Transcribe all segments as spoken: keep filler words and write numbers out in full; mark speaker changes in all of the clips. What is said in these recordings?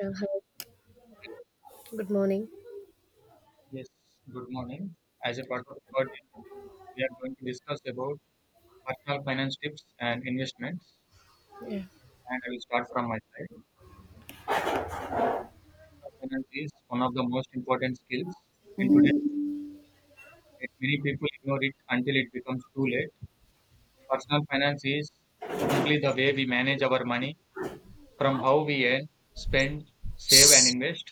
Speaker 1: Yeah, hello.
Speaker 2: Hello.
Speaker 1: Good morning.
Speaker 2: Yes, good morning. As a part of the project, we are going to discuss about personal finance tips and investments.
Speaker 1: Yeah,
Speaker 2: And I will start from my side. Personal finance is one of the most important skills in today's day. Many people ignore it until it becomes too late. Personal finance is simply the way we manage our money from how we earn, spend, save, and invest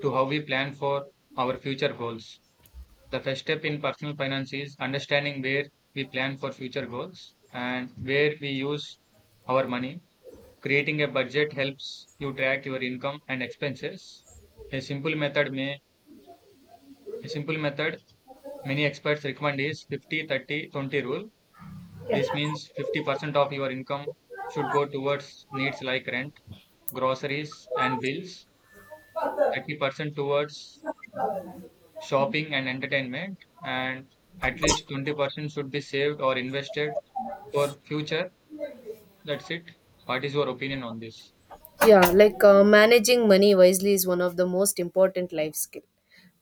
Speaker 2: to how we plan for our future goals. The first step in personal finance is understanding where we plan for future goals and where we use our money. Creating a budget helps you track your income and expenses. A simple method may a simple method many experts recommend is fifty thirty twenty rule. This means fifty percent of your income should go towards needs like rent, groceries and bills, thirty percent towards shopping and entertainment and at least twenty percent should be saved or invested for future. That's it. What is your opinion on this?
Speaker 1: yeah. Like uh, managing money wisely is one of the most important life skill.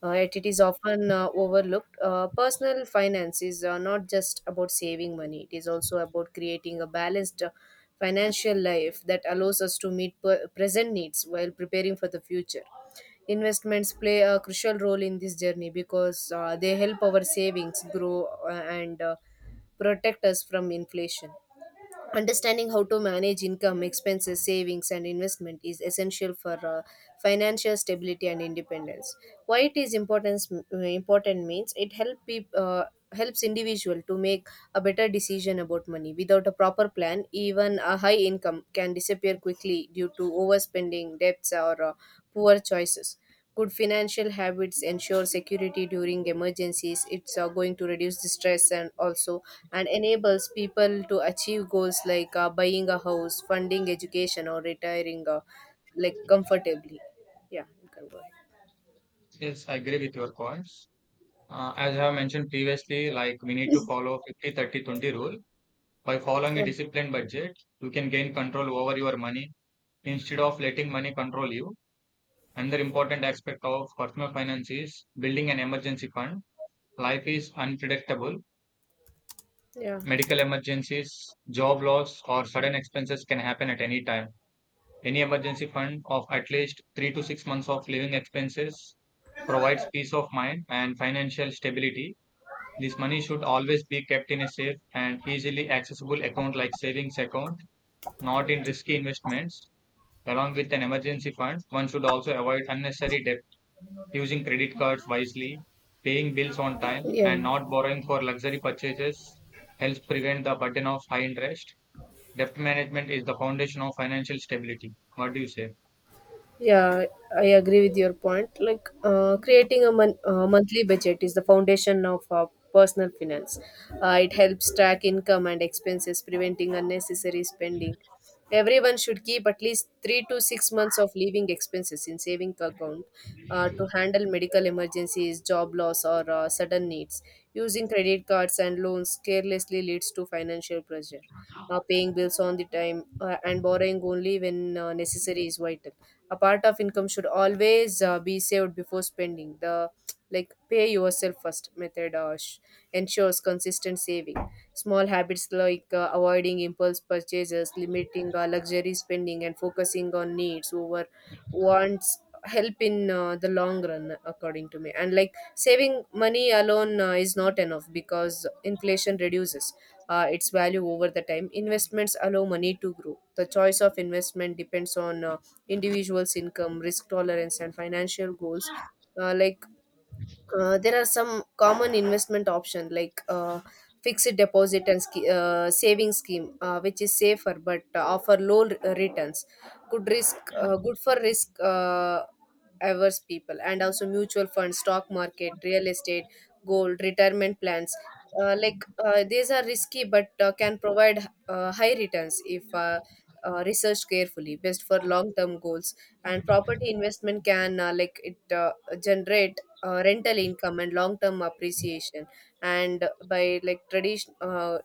Speaker 1: Uh, it, it is often uh, overlooked. Uh, personal finance is uh, not just about saving money. It is also about creating a balanced uh, financial life that allows us to meet per- present needs while preparing for the future. Investments play a crucial role in this journey because uh, they help our savings grow uh, and uh, protect us from inflation. Understanding how to manage income, expenses, savings, and investment is essential for uh, financial stability and independence. Why it is important, important means it help peop, uh, helps individual to make a better decision about money. Without a proper plan, even a high income can disappear quickly due to overspending, debts, or uh, poor choices. Good financial habits ensure security during emergencies. It's uh, going to reduce the stress and also and enables people to achieve goals like uh, buying a house, funding education, or retiring uh, like comfortably. Yeah, you can go
Speaker 2: Yes, I agree with your points. Uh, as I have mentioned previously, like we need to follow 50 30 twenty rule. By following a
Speaker 1: ahead.
Speaker 2: disciplined budget, you can gain control over your money instead of letting money control you. Another important aspect of personal finance is building an emergency fund. Life is unpredictable.
Speaker 1: Yeah, yeah,
Speaker 2: Medical emergencies, job loss, or sudden expenses can happen at any time. Any emergency fund of at least three to six months of living expenses provides peace of mind and financial stability. This money should always be kept in a safe and easily accessible account like savings account, not in risky investments. Along with an emergency fund, one should also avoid unnecessary debt, using credit cards wisely, paying bills on time,
Speaker 1: yeah.
Speaker 2: and not borrowing for luxury purchases helps prevent the burden of high interest. Debt management is the foundation of financial stability. What do you say?
Speaker 1: Yeah, I agree with your point. Like uh, creating a mon- uh, monthly budget is the foundation of uh, personal finance. Uh, it helps track income and expenses, preventing unnecessary spending. Everyone should keep at least three to six months of living expenses in saving account uh, to handle medical emergencies, job loss, or uh, sudden needs. Using credit cards and loans carelessly leads to financial pressure. Uh, paying bills on the time uh, and borrowing only when uh, necessary is vital. A part of income should always uh, be saved before spending, the like pay yourself first method uh, sh- ensures consistent saving. Small habits like uh, avoiding impulse purchases, limiting uh, luxury spending, and focusing on needs over wants help in uh, the long run according to me. And like saving money alone uh, is not enough because inflation reduces uh, its value over the time. Investments allow money to grow. The choice of investment depends on uh, individuals' income, risk tolerance, and financial goals. Uh, like uh, there are some common investment option like uh, fixed deposit and sch- uh, saving scheme uh, which is safer but uh, offer low r- uh, returns, good risk uh, good for risk uh, averse people, and also mutual funds, stock market, real estate, gold, retirement plans. Uh, like uh, these are risky but uh, can provide uh, high returns if uh, uh, researched carefully, best for long term goals. And property investment can uh, like it uh, generate uh, rental income and long term appreciation. And by like tradition uh,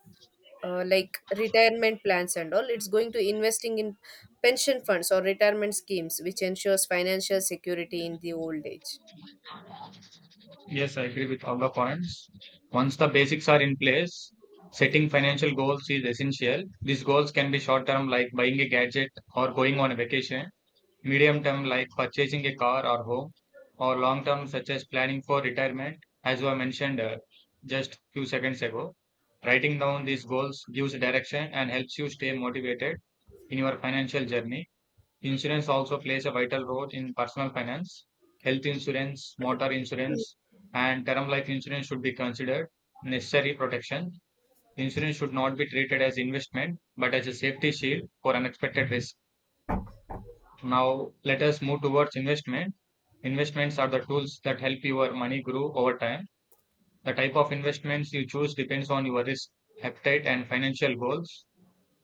Speaker 1: uh, like retirement plans and all, it's going to investing in pension funds or retirement schemes, which ensures financial security in the old age.
Speaker 2: Yes, I agree with all the points. Once the basics are in place, setting financial goals is essential. These goals can be short term, like buying a gadget or going on a vacation, medium term, like purchasing a car or home, or long term, such as planning for retirement, as I mentioned uh, just few seconds ago. Writing down these goals gives direction and helps you stay motivated in your financial journey. Insurance also plays a vital role in personal finance. Health insurance, motor insurance, and term life insurance should be considered necessary protection. Insurance should not be treated as investment, but as a safety shield for unexpected risk. Now, let us move towards investment. Investments are the tools that help your money grow over time. The type of investments you choose depends on your risk appetite and financial goals.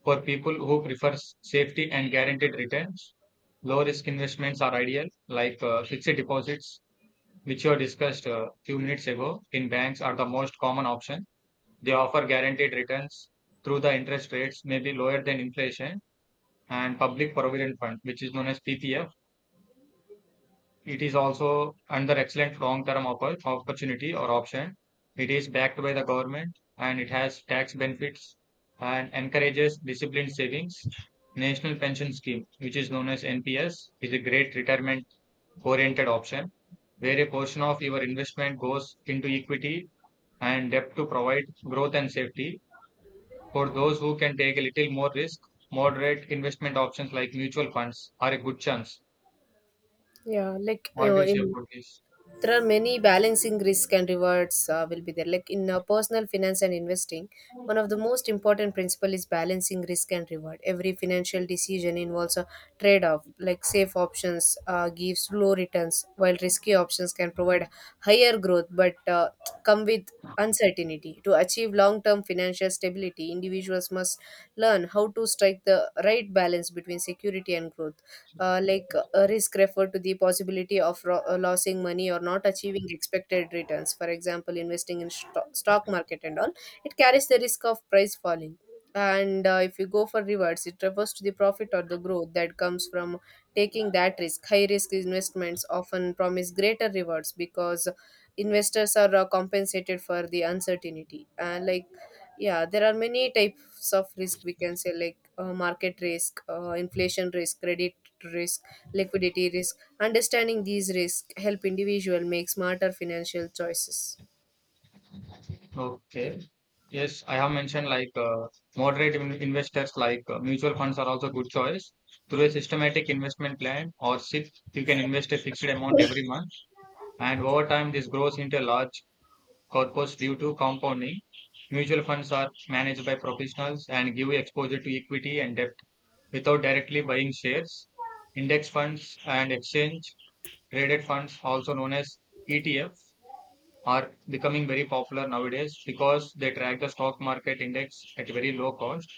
Speaker 2: For people who prefer s- safety and guaranteed returns, low risk investments are ideal, like uh, fixed deposits, which were discussed a few minutes ago in banks, are the most common option. They offer guaranteed returns through the interest rates, maybe lower than inflation, and public provident fund, which is known as P P F. It is also another excellent long-term oppor- opportunity or option. It is backed by the government and it has tax benefits and encourages disciplined savings. National Pension Scheme, which is known as N P S, is a great retirement-oriented option where a portion of your investment goes into equity and debt to provide growth and safety. For those who can take a little more risk, moderate investment options like mutual funds are a good chance.
Speaker 1: Yeah, like
Speaker 2: What do
Speaker 1: uh,
Speaker 2: you say
Speaker 1: in
Speaker 2: about this?
Speaker 1: There are many balancing risk and rewards uh, will be there. Like in uh, personal finance and investing, one of the most important principle is balancing risk and reward. Every financial decision involves a trade-off. Like safe options uh, gives low returns, while risky options can provide higher growth but uh, come with uncertainty. To achieve long term financial stability, individuals must learn how to strike the right balance between security and growth. Uh, like uh, risk refer to the possibility of ro- uh, losing money or not achieving expected returns. For example, investing in sto- stock market and all, it carries the risk of price falling. And uh, if you go for rewards, it refers to the profit or the growth that comes from taking that risk. High risk investments often promise greater rewards because investors are uh, compensated for the uncertainty. And like yeah, there are many types of risk we can say, like uh, market risk, uh, inflation risk, credit risk, liquidity risk. Understanding these risks help individual make smarter financial choices.
Speaker 2: Okay. Yes, I have mentioned like uh, moderate in- investors like uh, mutual funds are also good choice. Through a systematic investment plan or S I P, you can invest a fixed amount every month, and over time this grows into a large corpus due to compounding. Mutual funds are managed by professionals and give you exposure to equity and debt without directly buying shares. Index funds and exchange traded funds, also known as E T F, are becoming very popular nowadays because they track the stock market index at very low cost.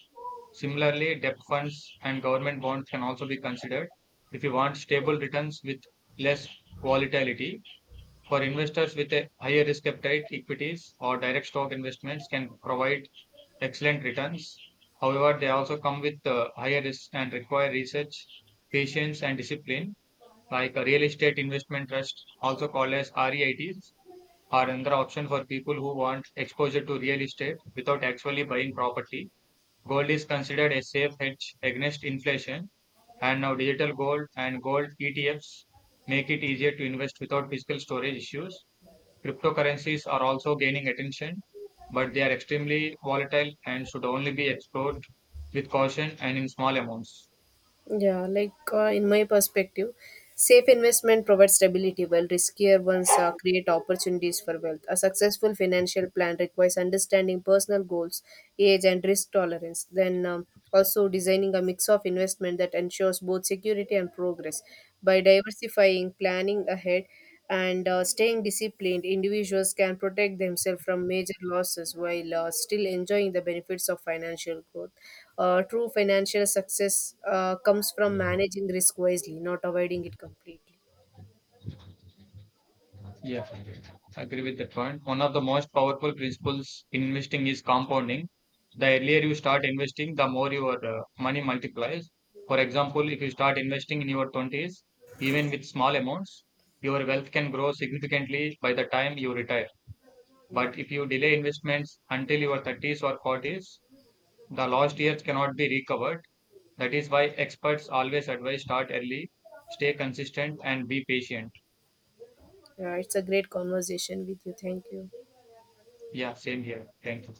Speaker 2: Similarly, debt funds and government bonds can also be considered if you want stable returns with less volatility. For investors with a higher risk appetite, equities or direct stock investments can provide excellent returns. However, they also come with uh, higher risk and require research, patience, and discipline. Like a real estate investment trust, also called as REITs, are another option for people who want exposure to real estate without actually buying property. Gold is considered a safe hedge against inflation, and now digital gold and gold E T Fs make it easier to invest without physical storage issues. Cryptocurrencies are also gaining attention, but they are extremely volatile and should only be explored with caution and in small amounts.
Speaker 1: Yeah, like uh, in my perspective, safe investment provides stability while riskier ones uh, create opportunities for wealth. A successful financial plan requires understanding personal goals, age, and risk tolerance. Then um, also designing a mix of investment that ensures both security and progress. By diversifying, planning ahead, and uh, staying disciplined, individuals can protect themselves from major losses while uh, still enjoying the benefits of financial growth. Uh, true financial success uh, comes from managing risk wisely, not avoiding it completely.
Speaker 2: Yeah, I agree with that point. One of the most powerful principles in investing is compounding. The earlier you start investing, the more your uh, money multiplies. For example, if you start investing in your twenties, even with small amounts, your wealth can grow significantly by the time you retire.
Speaker 1: Yeah.
Speaker 2: But if you delay investments until your thirties or forties, the lost years cannot be recovered. That is why experts always advise start early, stay consistent, and be patient.
Speaker 1: Yeah, it's a great conversation with you. Thank you.
Speaker 2: Yeah, same here. Thank you.